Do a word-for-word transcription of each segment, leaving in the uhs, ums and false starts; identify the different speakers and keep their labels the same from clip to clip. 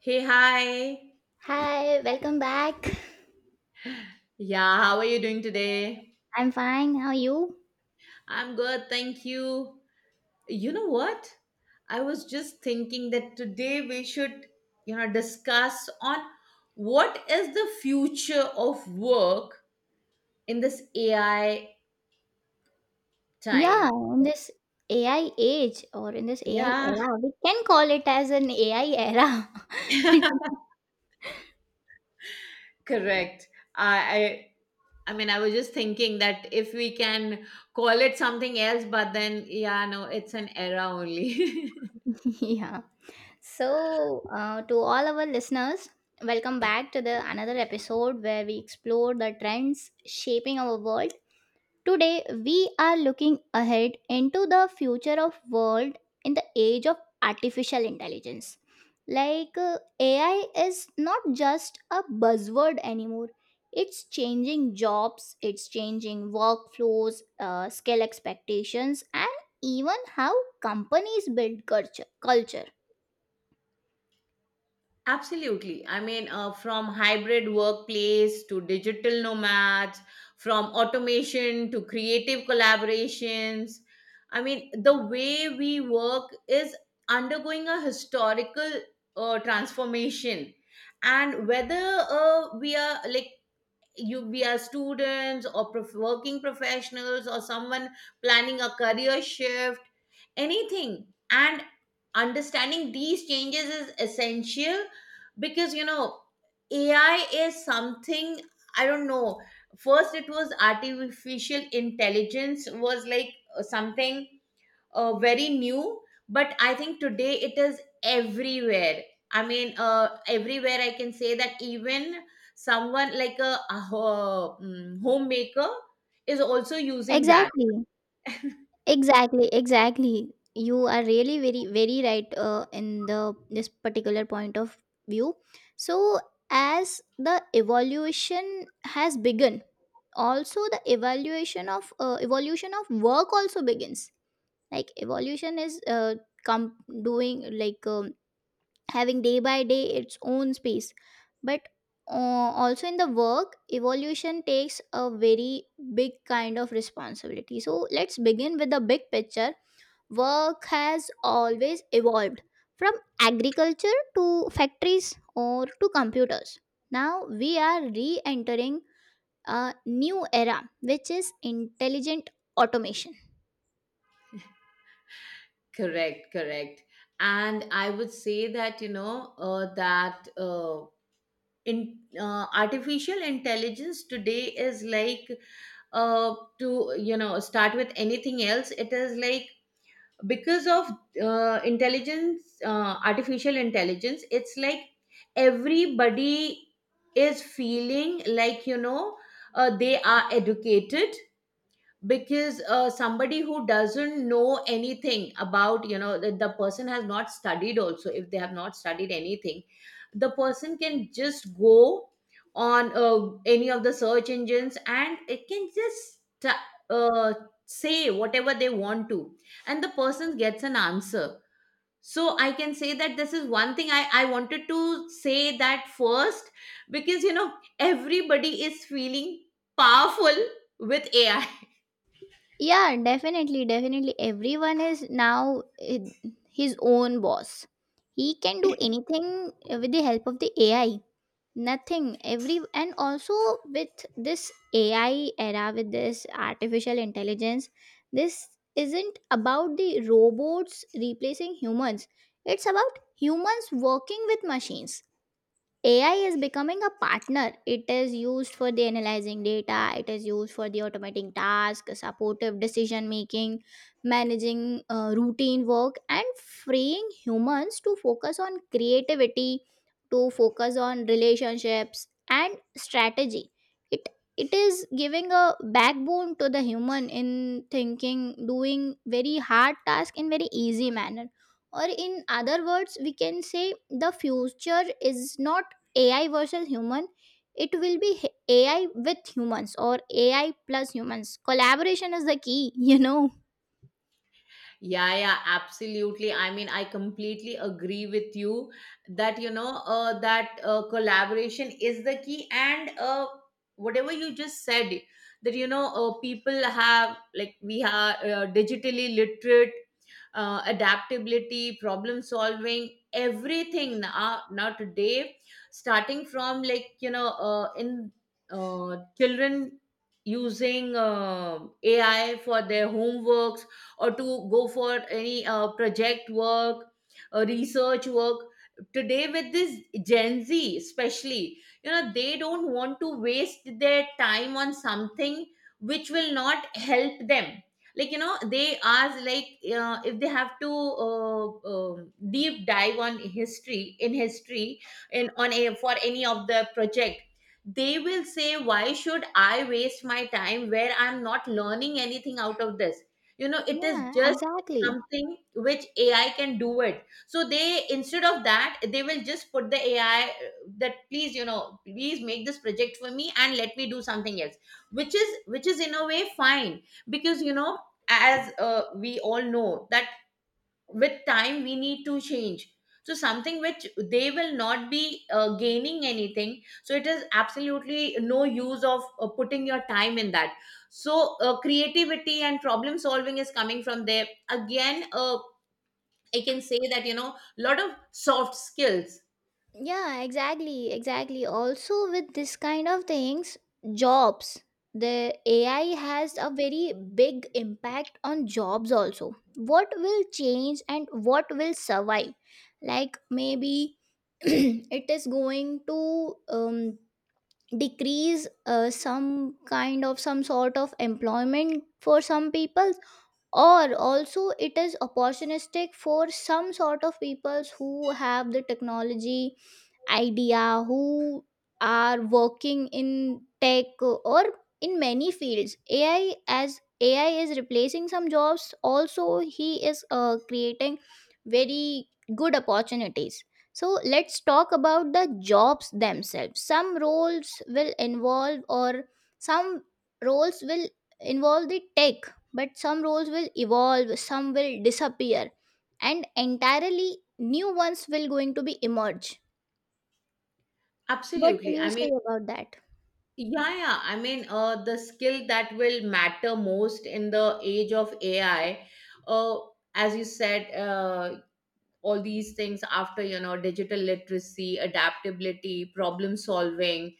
Speaker 1: Hey, hi.
Speaker 2: Hi, welcome back.
Speaker 1: Yeah, how are you doing today?
Speaker 2: I'm fine. How are you?
Speaker 1: I'm good, thank you. You know what? I was just thinking that today we should, you know, discuss on what is the future of work in this A I
Speaker 2: Yeah,
Speaker 1: time.
Speaker 2: in this A I age, or in this A I
Speaker 1: Yeah.
Speaker 2: era, we can call it as an A I era.
Speaker 1: Correct. I, I I mean, I was just thinking that if we can call it something else, but then yeah, no, it's an era only.
Speaker 2: Yeah. So, uh, to all our listeners, welcome back to the another episode where we explore the trends shaping our world. Today, we are looking ahead into the future of world in the age of artificial intelligence. Like uh, A I is not just a buzzword anymore. It's changing jobs, it's changing workflows, uh, skill expectations, and even how companies build culture. culture.
Speaker 1: Absolutely. I mean, uh, from hybrid workplace to digital nomads, from automation to creative collaborations. I mean, the way we work is undergoing a historical uh, transformation. And whether uh, we are like you, we are students or prof- working professionals or someone planning a career shift, anything, and understanding these changes is essential, because you know AI is something, I don't know, first it was artificial intelligence was like uh, something uh, very new, but I think today it is everywhere. I mean, uh, everywhere, I can say that even someone like a, a ho- mm, homemaker is also using that.
Speaker 2: Exactly. Exactly, exactly. You are really very, very right uh, in the this particular point of view. So, as the evolution has begun, also the evaluation of uh, evolution of work also begins. Like evolution is uh, com- doing like um, having day by day its own space, but uh, also in the work evolution takes a very big kind of responsibility. So let's begin with the big picture. Work has always evolved from agriculture to factories or to computers. Now we are re entering a new era, which is intelligent automation.
Speaker 1: Correct, correct. And I would say that, you know, uh, that uh, in uh, artificial intelligence today is like uh, to, you know, start with anything else. It is like, because of uh, intelligence, uh, artificial intelligence, it's like everybody is feeling like, you know, uh, they are educated, because uh, somebody who doesn't know anything, about you know the, the person has not studied, also if they have not studied anything, the person can just go on uh, any of the search engines, and it can just ta- uh, say whatever they want to, and the person gets an answer. So I can say that this is one thing i, I wanted to say that first, because you know everybody is feeling powerful with AI.
Speaker 2: Yeah, definitely, definitely. Everyone is now eh, his own boss. He can do anything with the help of the A I. Nothing every. And also, with this A I era, with this artificial intelligence, this isn't about the robots replacing humans, it's about humans working with machines. A I is becoming a partner. It is used for the analyzing data, it is used for the automating tasks, supportive decision making, managing uh, routine work, and freeing humans to focus on creativity, to focus on relationships and strategy. It it is giving a backbone to the human in thinking, doing very hard task in very easy manner. Or in other words, we can say the future is not A I versus human, it will be h- A I with humans, or A I plus humans. Collaboration is the key, you know.
Speaker 1: Yeah, yeah, absolutely. I mean, I completely agree with you that, you know, uh, that uh, collaboration is the key. And uh, whatever you just said, that, you know, uh, people have, like, we are uh, digitally literate, uh, adaptability, problem solving, everything now, now today, starting from like, you know, uh, in uh, children using uh, AI for their homeworks, or to go for any uh, project work, uh, research work. Today with this Gen Z especially, you know, they don't want to waste their time on something which will not help them. Like, you know, they ask like, uh, if they have to uh, um deep dive on history in history, in on a for any of the project, they will say why should I waste my time where I'm not learning anything out of this, you know, it is
Speaker 2: Yeah,
Speaker 1: just
Speaker 2: exactly.
Speaker 1: something which AI can do it, so they instead of that they will just put the AI that, please, you know, please make this project for me and let me do something else, which is, which is in a way fine, because you know, as uh, we all know that with time we need to change, so something which they will not be uh, gaining anything, so it is absolutely no use of uh, putting your time in that. So uh, creativity and problem solving is coming from there. Again, uh, I can say that, you know, a lot of soft skills.
Speaker 2: Yeah, exactly, exactly. Also, with this kind of things, jobs, the A I has a very big impact on jobs also. What will change and what will survive? Like maybe it is going to um, decrease uh, some kind of, some sort of employment for some people, or also it is opportunistic for some sort of peoples who have the technology idea, who are working in tech or in many fields. A I, as A I is replacing some jobs, also he is uh, creating very good opportunities. So let's talk about the jobs themselves. Some roles will involve, or some roles will involve the tech, but some roles will evolve, some will disappear, and entirely new ones will going to be emerge. What do
Speaker 1: Absolutely,
Speaker 2: you
Speaker 1: I mean.
Speaker 2: say about that?
Speaker 1: Yeah, yeah, I mean, uh, the skill that will matter most in the age of AI, uh, as you said, uh, all these things, after you know, digital literacy, adaptability, problem solving,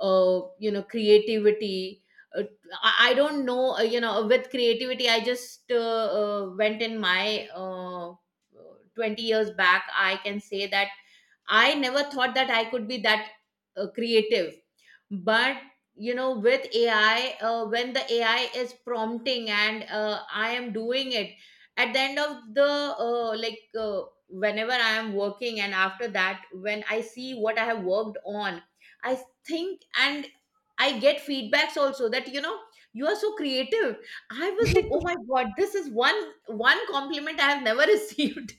Speaker 1: uh, you know, creativity, uh, I I don't know, uh, you know, with creativity, I just uh, uh, went in my uh, twenty years back. I can say that I never thought that I could be that uh, creative, but you know, with AI, uh, when the AI is prompting and uh, I am doing it, at the end of the uh, like uh, whenever I am working, and after that when I see what I have worked on, I think, and I get feedbacks also that, you know, you are so creative. I was like, oh my god, this is one one compliment I have never received,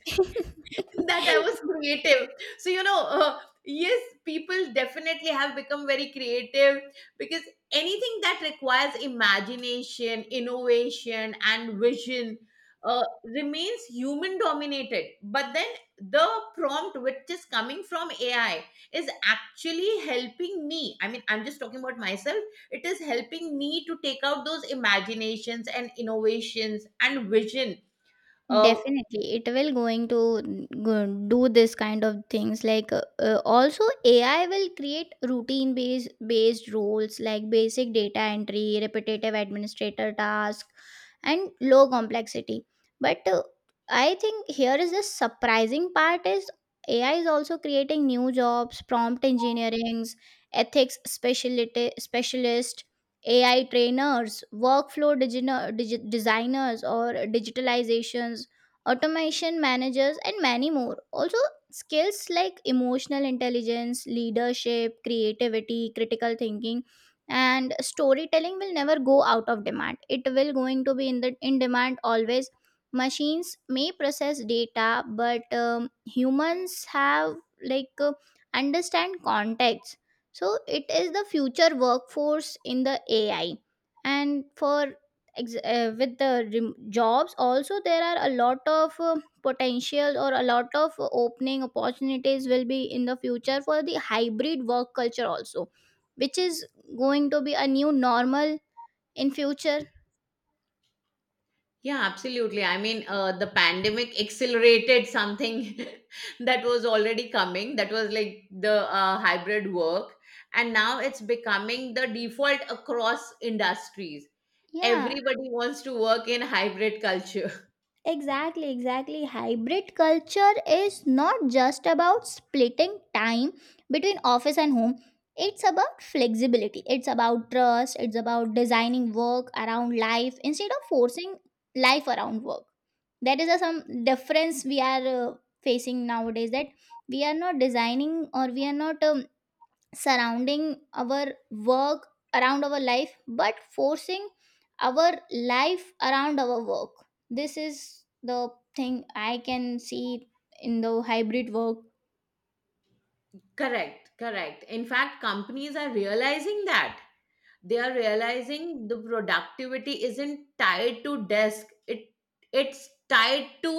Speaker 1: that I was creative. So, you know, uh, yes, people definitely have become very creative, because anything that requires imagination, innovation, and vision uh, remains human dominated. But then the prompt, which is coming from A I, is actually helping me. I mean, I'm just talking about myself. It is helping me to take out those imaginations and innovations and vision. Uh,
Speaker 2: Definitely, it will going to go- do this kind of things. Like uh, uh, also, A I will create routine based based roles like basic data entry, repetitive administrator task, and low complexity. But uh, I think here is the surprising part is A I is also creating new jobs, prompt engineerings, ethics specialist specialist, A I trainers, workflow digino- digi- designers, or digitalizations, automation managers, and many more. Also, skills like emotional intelligence, leadership, creativity, critical thinking, and storytelling will never go out of demand. It will going to be in the in demand always. Machines may process data, but um, humans have like uh, understand context. So it is the future workforce in the A I, and for ex- uh, with the rem- jobs also, there are a lot of uh, potential or a lot of opening opportunities will be in the future for the hybrid work culture also, which is going to be a new normal in future.
Speaker 1: Yeah, absolutely. I mean, uh, the pandemic accelerated something that was already coming. That was like the uh, hybrid work. And now it's becoming the default across industries.
Speaker 2: Yeah.
Speaker 1: Everybody wants to work in hybrid culture.
Speaker 2: Exactly, exactly. Hybrid culture is not just about splitting time between office and home. It's about flexibility, it's about trust, it's about designing work around life instead of forcing life around work. That is a, some difference we are uh, facing nowadays, that we are not designing, or we are not um, surrounding our work around our life, but forcing our life around our work. This is the thing I can see in the hybrid work.
Speaker 1: Correct, correct. In fact, companies are realizing that. They are realizing the productivity isn't tied to desk, it it's tied to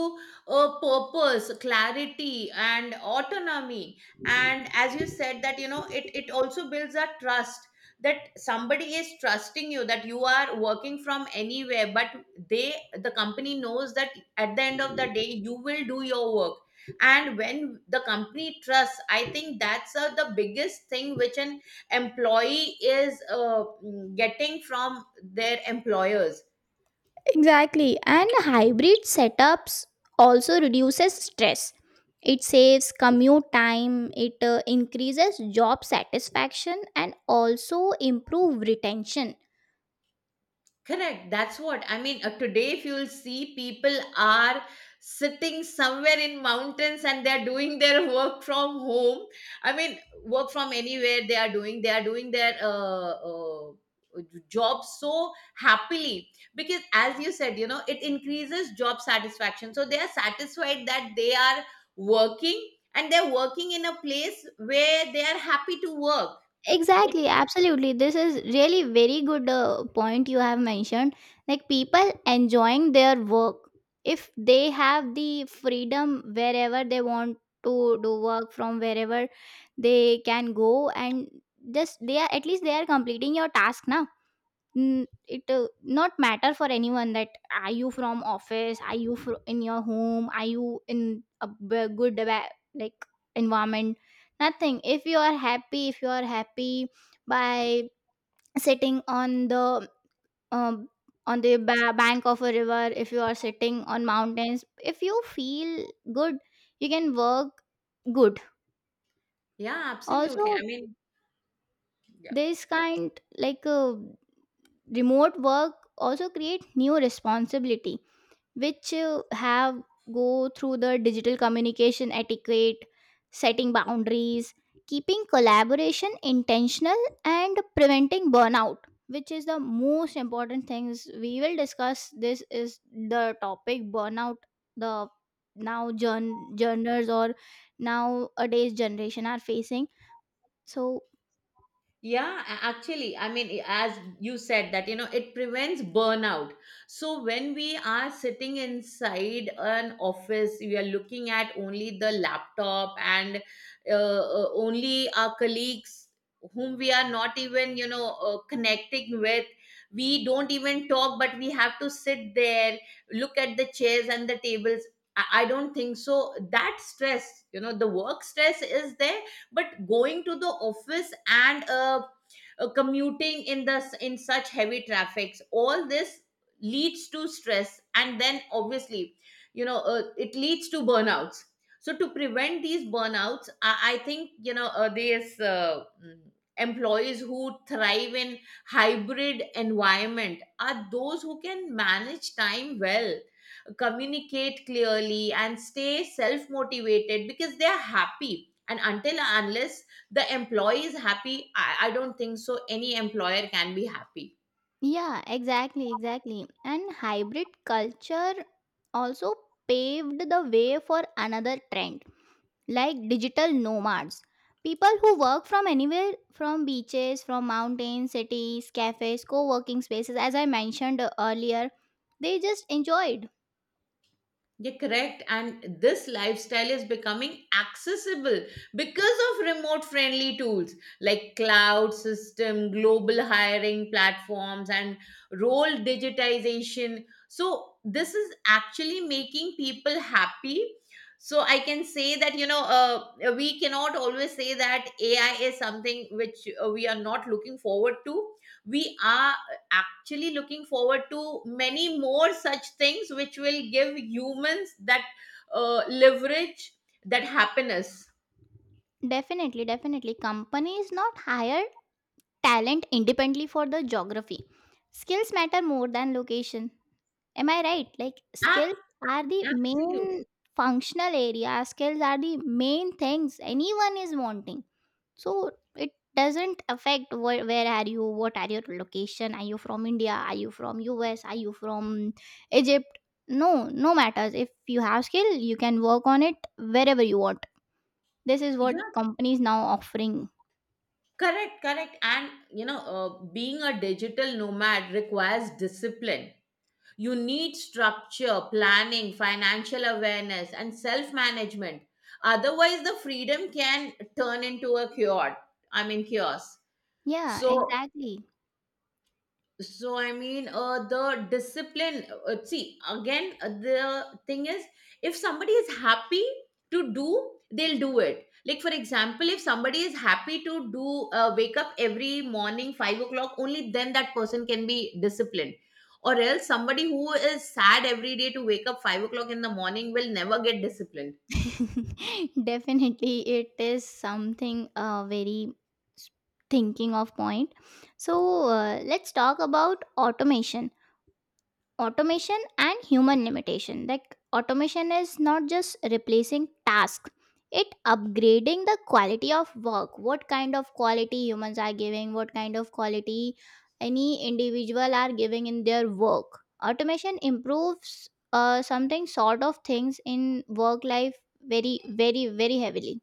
Speaker 1: a purpose, clarity, and autonomy. And as you said, that you know, it it also builds a trust, that somebody is trusting you, that you are working from anywhere, but they the company knows that at the end of the day you will do your work. And when the company trusts, I think that's uh, the biggest thing which an employee is uh, mm, getting from their employers.
Speaker 2: Exactly. And hybrid setups also reduces stress. It saves commute time, it uh, increases job satisfaction, and also improve retention.
Speaker 1: Correct. That's what I mean. Uh, today, if you'll see, people are sitting somewhere in mountains and they're doing their work from home. I mean, work from anywhere they are doing. They are doing their uh, uh, job so happily, because, as you said, you know, it increases job satisfaction. So they are satisfied that they are working, and they're working in a place where they are happy to work. It,
Speaker 2: Exactly, absolutely. This is really very good uh, point you have mentioned. Like people enjoying their work, if they have the freedom wherever they want to do work from, wherever they can go and just they are, at least they are completing your task now. N- it uh, not matter for anyone that, are you from office, are you fro- in your home, are you in a b- good ba- like environment, nothing. If you are happy, if you are happy by sitting on the um, on the ba- bank of a river, if you are sitting on mountains, if you feel good, you can work good.
Speaker 1: yeah, absolutely.
Speaker 2: Also
Speaker 1: I mean. Yeah.
Speaker 2: this kind like uh, remote work also create new responsibility, which uh, have go through the digital communication etiquette, setting boundaries, keeping collaboration intentional, and preventing burnout, which is the most important things we will discuss. This is the topic burnout the now journ- journals, or nowadays generation are facing. So
Speaker 1: Yeah, a- actually, I mean, i- as you said, that you know, it prevents burnout. So, when we are sitting inside an office, we are looking at only the laptop and uh, uh, only our colleagues whom we are not even, you know, uh, connecting with. We don't even talk, but we have to sit there, look at the chairs and the tables. I I don't think so. That stress, you know, the work stress is there, but going to the office and uh, uh, commuting in the in such heavy traffics, all this leads to stress, and then obviously, you know, uh, it leads to burnouts. So to prevent these burnouts, i, I think, you know, uh, these uh, mm, employees who thrive in hybrid environment are those who can manage time well, communicate clearly, and stay self motivated, because they are happy. And until and unless the employee is happy, I, I don't think so any employer can be happy.
Speaker 2: yeah, exactly, exactly. And hybrid culture also paved the way for another trend, like digital nomads, people who work from anywhere, from beaches, from mountains, cities, cafes, co-working spaces, as I mentioned earlier. They just enjoyed.
Speaker 1: Yeah, correct. And this lifestyle is becoming accessible because of remote friendly tools like cloud system, global hiring platforms, and role digitization. So, this is actually making people happy. So, I can say that, you know, uh, we cannot always say that A I is something which uh, we are not looking forward to. We are actually looking forward to many more such things which will give humans that uh, leverage, that happiness.
Speaker 2: Definitely, definitely companies not hired talent independently for the geography. Skills matter more than location. Am I right? Like skills
Speaker 1: Ab-
Speaker 2: are the
Speaker 1: Absolutely.
Speaker 2: main functional area. Skills are the main things anyone is wanting. So it doesn't affect where, where are you, what are your location, are you from India, are you from U S, are you from Egypt? No, no matters. If you have skill, you can work on it wherever you want. This is what
Speaker 1: Yeah,
Speaker 2: companies now offering.
Speaker 1: correct, correct. And you know, uh, being a digital nomad requires discipline. You need structure, planning, financial awareness, and self management. Otherwise the freedom can turn into a chaos, I mean chaos.
Speaker 2: Yeah,
Speaker 1: So,
Speaker 2: exactly.
Speaker 1: so I mean, uh, the discipline uh, see again, uh, the thing is, if somebody is happy to do, they'll do it. Like, for example, if somebody is happy to do uh, wake up every morning five o'clock, only then that person can be disciplined. Or else somebody who is sad every day to wake up five o'clock in the morning will never get disciplined.
Speaker 2: Definitely, it is something uh, very s- thinking of point. So uh, let's talk about automation. Automation and human limitation, like automation is not just replacing task, it upgrading the quality of work. What kind of quality humans are giving, what kind of quality any individual are giving in their work, automation improves uh, something sort of things in work life very, very very heavily.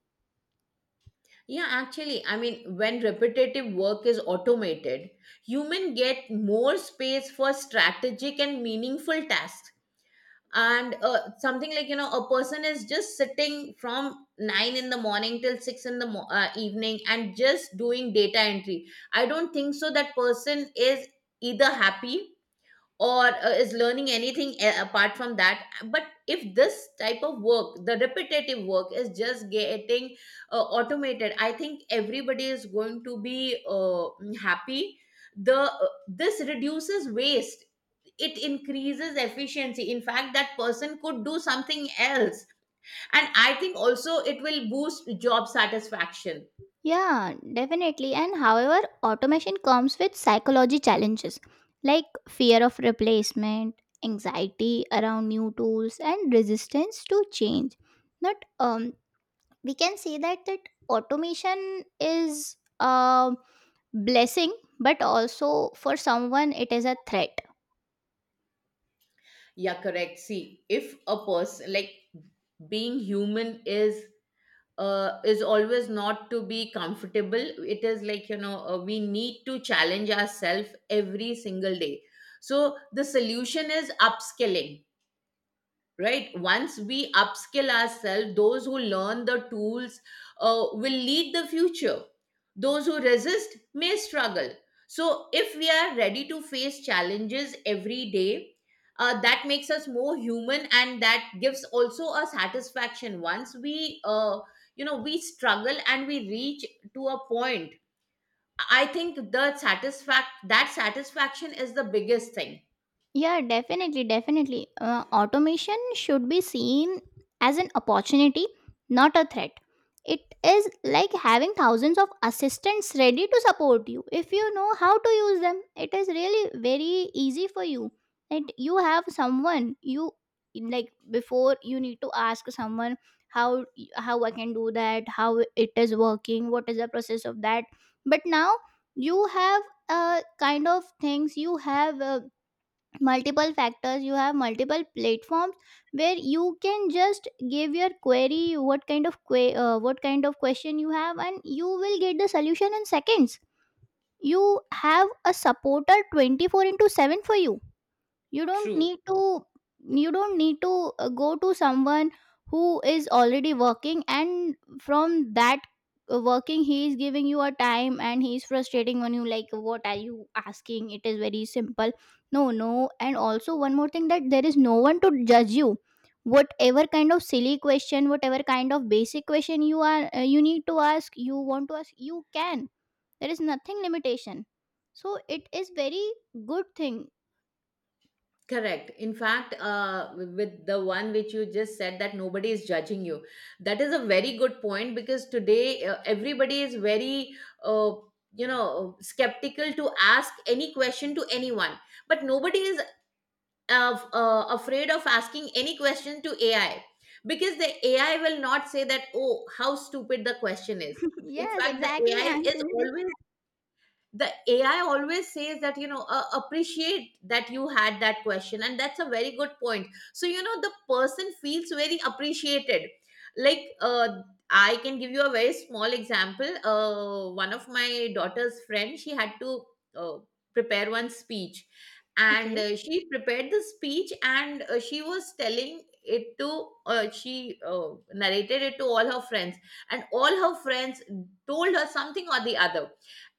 Speaker 1: Yeah, actually, I mean, when repetitive work is automated, human get more space for strategic and meaningful tasks. And uh, something like, you know, a person is just sitting from nine in the morning till six in the mo- uh, evening and just doing data entry. I don't think so that person is either happy or uh, is learning anything a- apart from that. But if this type of work, the repetitive work, is just getting uh, automated, I think everybody is going to be uh, happy. The uh, this reduces waste, it increases efficiency. In fact, that person could do something else. And I think also it will boost job satisfaction.
Speaker 2: Yeah, definitely. And however, automation comes with psychology challenges like fear of replacement, anxiety around new tools, and resistance to change. But um, we can say that that automation is a blessing, but also for someone it is a threat.
Speaker 1: Yeah, correct. See, if a person like, being human, is uh, is always not to be comfortable. It is like, you know, uh, we need to challenge ourselves every single day. So the solution is upskilling, right? Once we upskill ourselves, those who learn the tools uh, will lead the future. Those who resist may struggle. So if we are ready to face challenges every day, uh, that makes us more human, and that gives also a satisfaction. Once we uh, you know, we struggle and we reach to a point, I think the satisfact that satisfaction is the biggest thing.
Speaker 2: Yeah, definitely, definitely. Uh, automation should be seen as an opportunity, not a threat. It is like having thousands of assistants ready to support you if you know how to use them. It is really very easy for you. And you have someone, you like before you need to ask someone how how I can do that, how it is working, what is the process of that. But now you have uh, kind of things, you have uh, multiple factors, you have multiple platforms where you can just give your query, what kind of que- uh, what kind of question you have, and you will get the solution in seconds. You have a supporter twenty-four into seven for you. You don't
Speaker 1: True.
Speaker 2: need to, you don't need to uh, go to someone who is already working, and from that uh, working he is giving you a time and he is frustrating on you like, what are you asking, it is very simple. No, no. And also one more thing that there is no one to judge you, whatever kind of silly question, whatever kind of basic question you are uh, you need to ask, you want to ask, you can. There is nothing limitation. So it is very good thing.
Speaker 1: Correct. In fact, uh, with the one which you just said that nobody is judging you, that is a very good point because today uh, everybody is very, uh, you know, skeptical to ask any question to anyone. But nobody is uh, uh, afraid of asking any question to A I because the A I will not say that, oh, how stupid the question is. In
Speaker 2: Yes,
Speaker 1: fact, the
Speaker 2: exactly.
Speaker 1: AI
Speaker 2: I'm
Speaker 1: is
Speaker 2: saying this.
Speaker 1: always the ai always says that, you know, uh, appreciate that you had that question and that's a very good point. So, you know, the person feels very appreciated. Like, uh, I can give you a very small example. Uh, one of my daughter's friend, she had to uh, prepare one speech. And
Speaker 2: Okay.
Speaker 1: uh, she prepared the speech and uh, she was telling it to uh, she uh, narrated it to all her friends. And all her friends told her something or the other.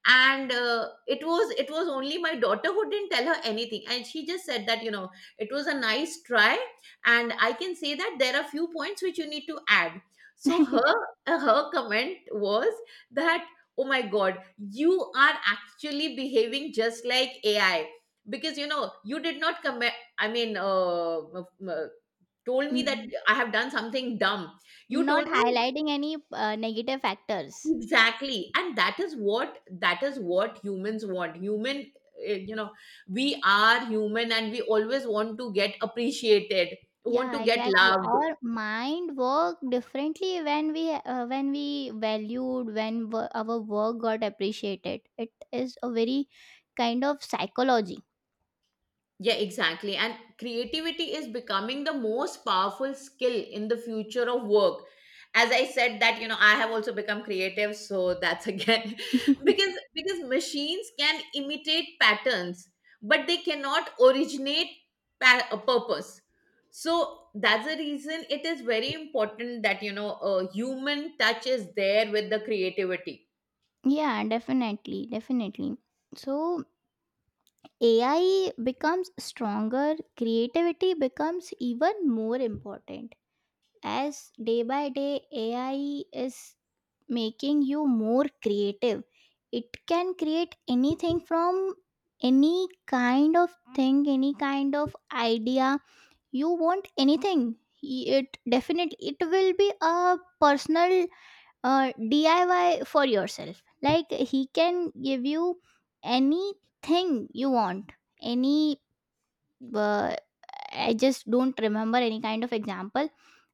Speaker 1: And uh, it was it was only my daughter who didn't tell her anything, and she just said that, you know, it was a nice try, and I can say that there are few points which you need to add. So her uh, her comment was that, oh my god, you are actually behaving just like AI. Because, you know, you did not come, i mean uh, m- m- told me that
Speaker 2: n-
Speaker 1: I have done something dumb. You
Speaker 2: Not
Speaker 1: told me
Speaker 2: highlighting any uh, negative factors.
Speaker 1: exactly, and that is what, that is what humans want. Human, eh, you know, we are human and we always want to get appreciated, want to
Speaker 2: Yeah,
Speaker 1: get
Speaker 2: exactly.
Speaker 1: loved.
Speaker 2: Our mind work differently when we uh, when we valued, when wo- our work got appreciated. It is a very kind of psychology.
Speaker 1: Yeah, exactly. And creativity is becoming the most powerful skill in the future of work. As I said that, you know, I have also become creative, so that's again because because machines can imitate patterns, but they cannot originate pa- a purpose. So that's the reason it is very important that, you know, a human touch is there with the creativity.
Speaker 2: Yeah, definitely, definitely. So A I becomes stronger, creativity becomes even more important. As day by day A I is making you more creative, it can create anything from any kind of thing, any kind of idea you want, anything. It definitely, it will be a personal uh, D I Y for yourself. Like he can give you anything you want, any uh, I just don't remember any kind of example,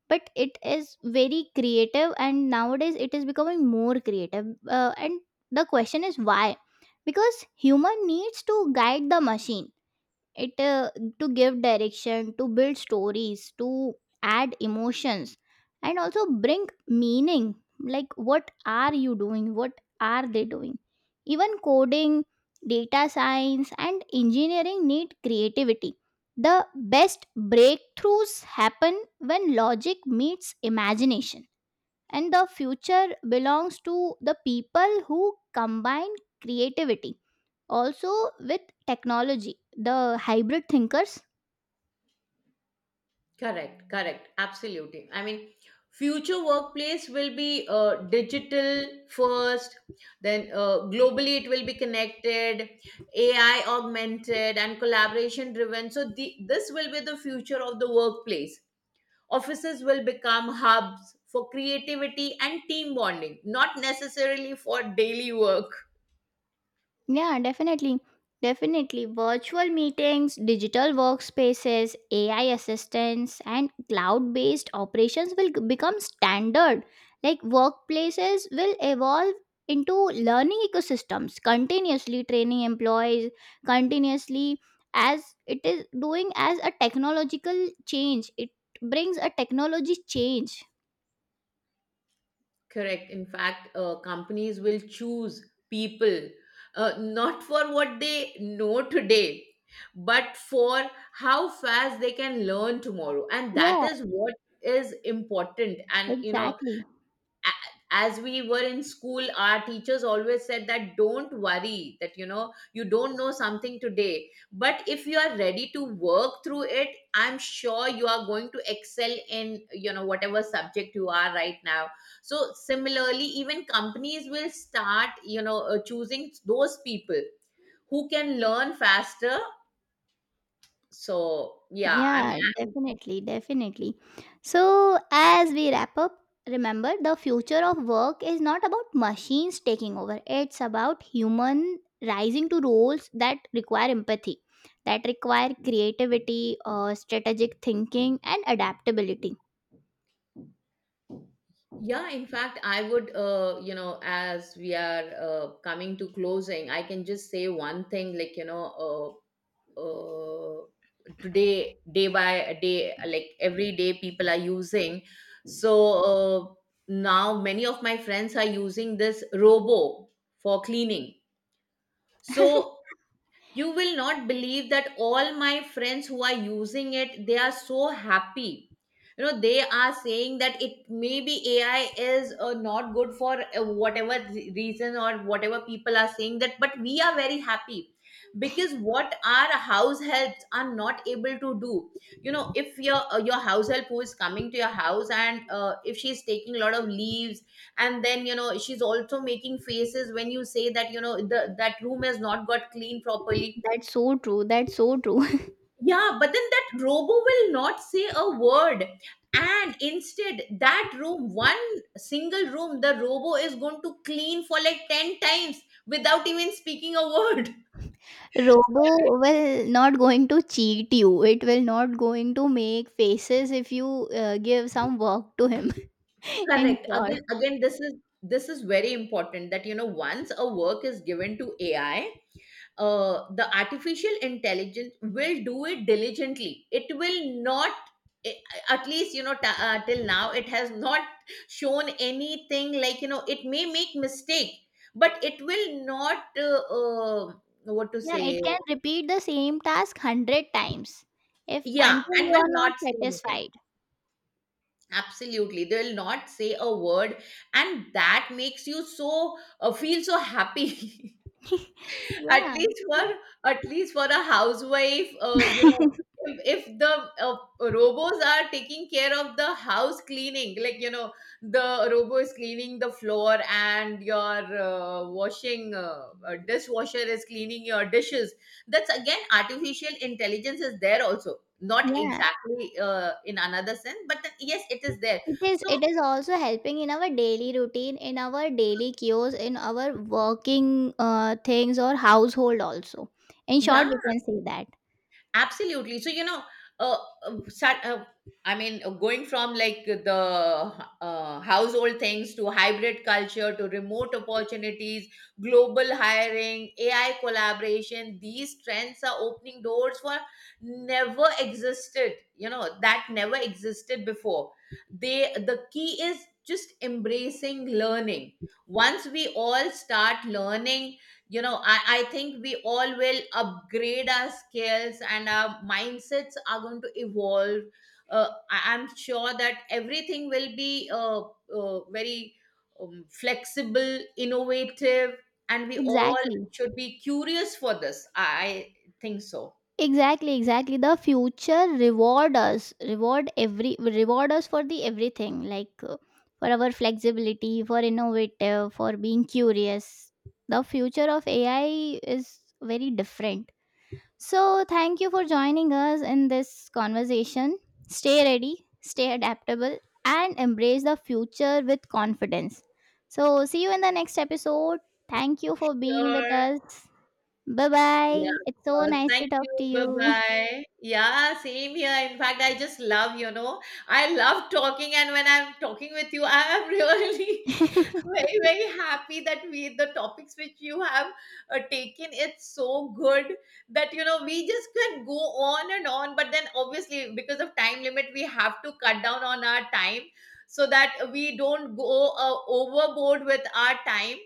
Speaker 2: but it is very creative, and nowadays it is becoming more creative. Uh, and the question is why? Because human needs to guide the machine. It uh, To give direction, to build stories, to add emotions, and also bring meaning. Like what are you doing, what are they doing. Even coding, data science and engineering need creativity. The best breakthroughs happen when logic meets imagination. And the future belongs to the people who combine creativity also with technology, the hybrid thinkers.
Speaker 1: Correct, correct. Absolutely. I mean, future workplace will be uh, digital first, then uh, globally it will be connected, A I augmented, and collaboration driven. So, the, this will be the future of the workplace. Offices will become hubs for creativity and team bonding, not necessarily for daily work.
Speaker 2: Yeah, definitely, definitely. Virtual meetings, digital workspaces, A I assistants and cloud based operations will g- become standard. Like workplaces will evolve into learning ecosystems, continuously training employees continuously, as it is doing. As a technological change, it brings a technology change.
Speaker 1: Correct. In fact, uh, companies will choose people uh, not for what they know today, but for how fast they can learn tomorrow. And that
Speaker 2: Yeah,
Speaker 1: is what is important. And, you know,
Speaker 2: exactly.
Speaker 1: as we were in school, our teachers always said that, don't worry that, you know, you don't know something today, but if you are ready to work through it, I'm sure you are going to excel in, you know, whatever subject you are right now. So similarly, even companies will start, you know, uh, choosing those people who can learn faster. So yeah, I
Speaker 2: Yeah,
Speaker 1: mean,
Speaker 2: definitely, definitely. So, as we wrap up, remember the future of work is not about machines taking over, it's about human rising to roles that require empathy, that require creativity, uh, strategic thinking, and adaptability.
Speaker 1: yeah, in fact, I would, uh, you know, as we are uh, coming to closing, I can just say one thing like, you know, uh, uh, today, day by day, like every day, people are using. So uh, now many of my friends are using this robo for cleaning. So you will not believe that all my friends who are using it, they are so happy. You know, they are saying that, it maybe AI is uh, not good for uh, whatever re- reason or whatever people are saying that, but we are very happy. Because what our house helps are not able to do, you know, if your uh, your house help who is coming to your house and uh, if she's taking a lot of leaves and then, you know, she's also making faces when you say that, you know, the, that room has not got cleaned properly.
Speaker 2: That's so true. That's so true.
Speaker 1: Yeah, but then that robo will not say a word. And instead, that room, one single room, the robo is going to clean for like ten times without even speaking a word.
Speaker 2: Robo will not going to cheat you. It will not going to make faces if you uh, give some work to him. In
Speaker 1: Correct.
Speaker 2: Ensure.
Speaker 1: Again again this is, this is very important that, you know, once a work is given to AI, uh, the artificial intelligence will do it diligently. It will not, a- at least, you know, t- uh, till now it has not shown anything like, you know, it may make mistake, but it will not uh, uh, what to
Speaker 2: Yeah, it
Speaker 1: say.
Speaker 2: can repeat the same task one hundred times if
Speaker 1: Yeah,
Speaker 2: until
Speaker 1: and
Speaker 2: you are
Speaker 1: will
Speaker 2: not
Speaker 1: not say anything.
Speaker 2: satisfied.
Speaker 1: Absolutely, they will not say a word. And that makes you so uh, feel so happy. at
Speaker 2: Yeah.
Speaker 1: least for
Speaker 2: So
Speaker 1: at least for a housewife, uh, you know, if, if the uh, robos are taking care of the house cleaning, like, you know, the robo is cleaning the floor and your uh, washing, uh, uh, dishwasher is cleaning your dishes. That's again artificial intelligence is there also, not
Speaker 2: yeah,
Speaker 1: exactly uh, in another sense, but then, yes, it is there.
Speaker 2: it is.
Speaker 1: So
Speaker 2: It is also helping in our daily routine, in our daily cues, in our working uh, things or household also. In short,
Speaker 1: yeah,
Speaker 2: we can say that.
Speaker 1: absolutely. So, you know, uh, uh, sa- uh, I mean, uh, going from like the uh, household things to hybrid culture to remote opportunities, global hiring, A I collaboration, these trends are opening doors for never existed, you know, that never existed before. They, the key is just embracing learning. Once we all start learning, you know, I, I think we all will upgrade our skills and our mindsets are going to evolve. uh, I, I'm sure that everything will be uh, uh, very um, flexible, innovative, and we all
Speaker 2: Exactly.
Speaker 1: should be curious for this. i, I think so.
Speaker 2: Exactly, exactly. The future reward us, reward every, reward us for the everything, like uh, for our flexibility, for innovative, for being curious. The future of A I is very different. So, thank you for joining us in this conversation. Stay ready, stay adaptable, and embrace the future with confidence. So, see you in the next episode. Thank you for being
Speaker 1: You,
Speaker 2: with us. Bye
Speaker 1: yeah,
Speaker 2: bye.
Speaker 1: of
Speaker 2: It's so
Speaker 1: course.
Speaker 2: nice to
Speaker 1: Thank
Speaker 2: talk
Speaker 1: you.
Speaker 2: to
Speaker 1: Bye
Speaker 2: you.
Speaker 1: bye. Yeah, same here. In fact, I just love, you know, I love talking. And when I'm talking with you, I am really very, very happy that we, the topics which you have uh, taken, it's so good that, you know, we just can go on and on. But then obviously, because of time limit, we have to cut down on our time so that we don't go uh, overboard with our time.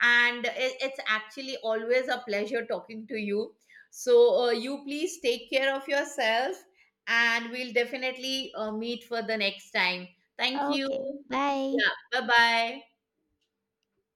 Speaker 1: And it, it's actually always a pleasure talking to you. So uh, you please take care of yourself, and we'll definitely uh, meet for the next time. Thank you.
Speaker 2: Okay, bye.
Speaker 1: Yeah, bye bye.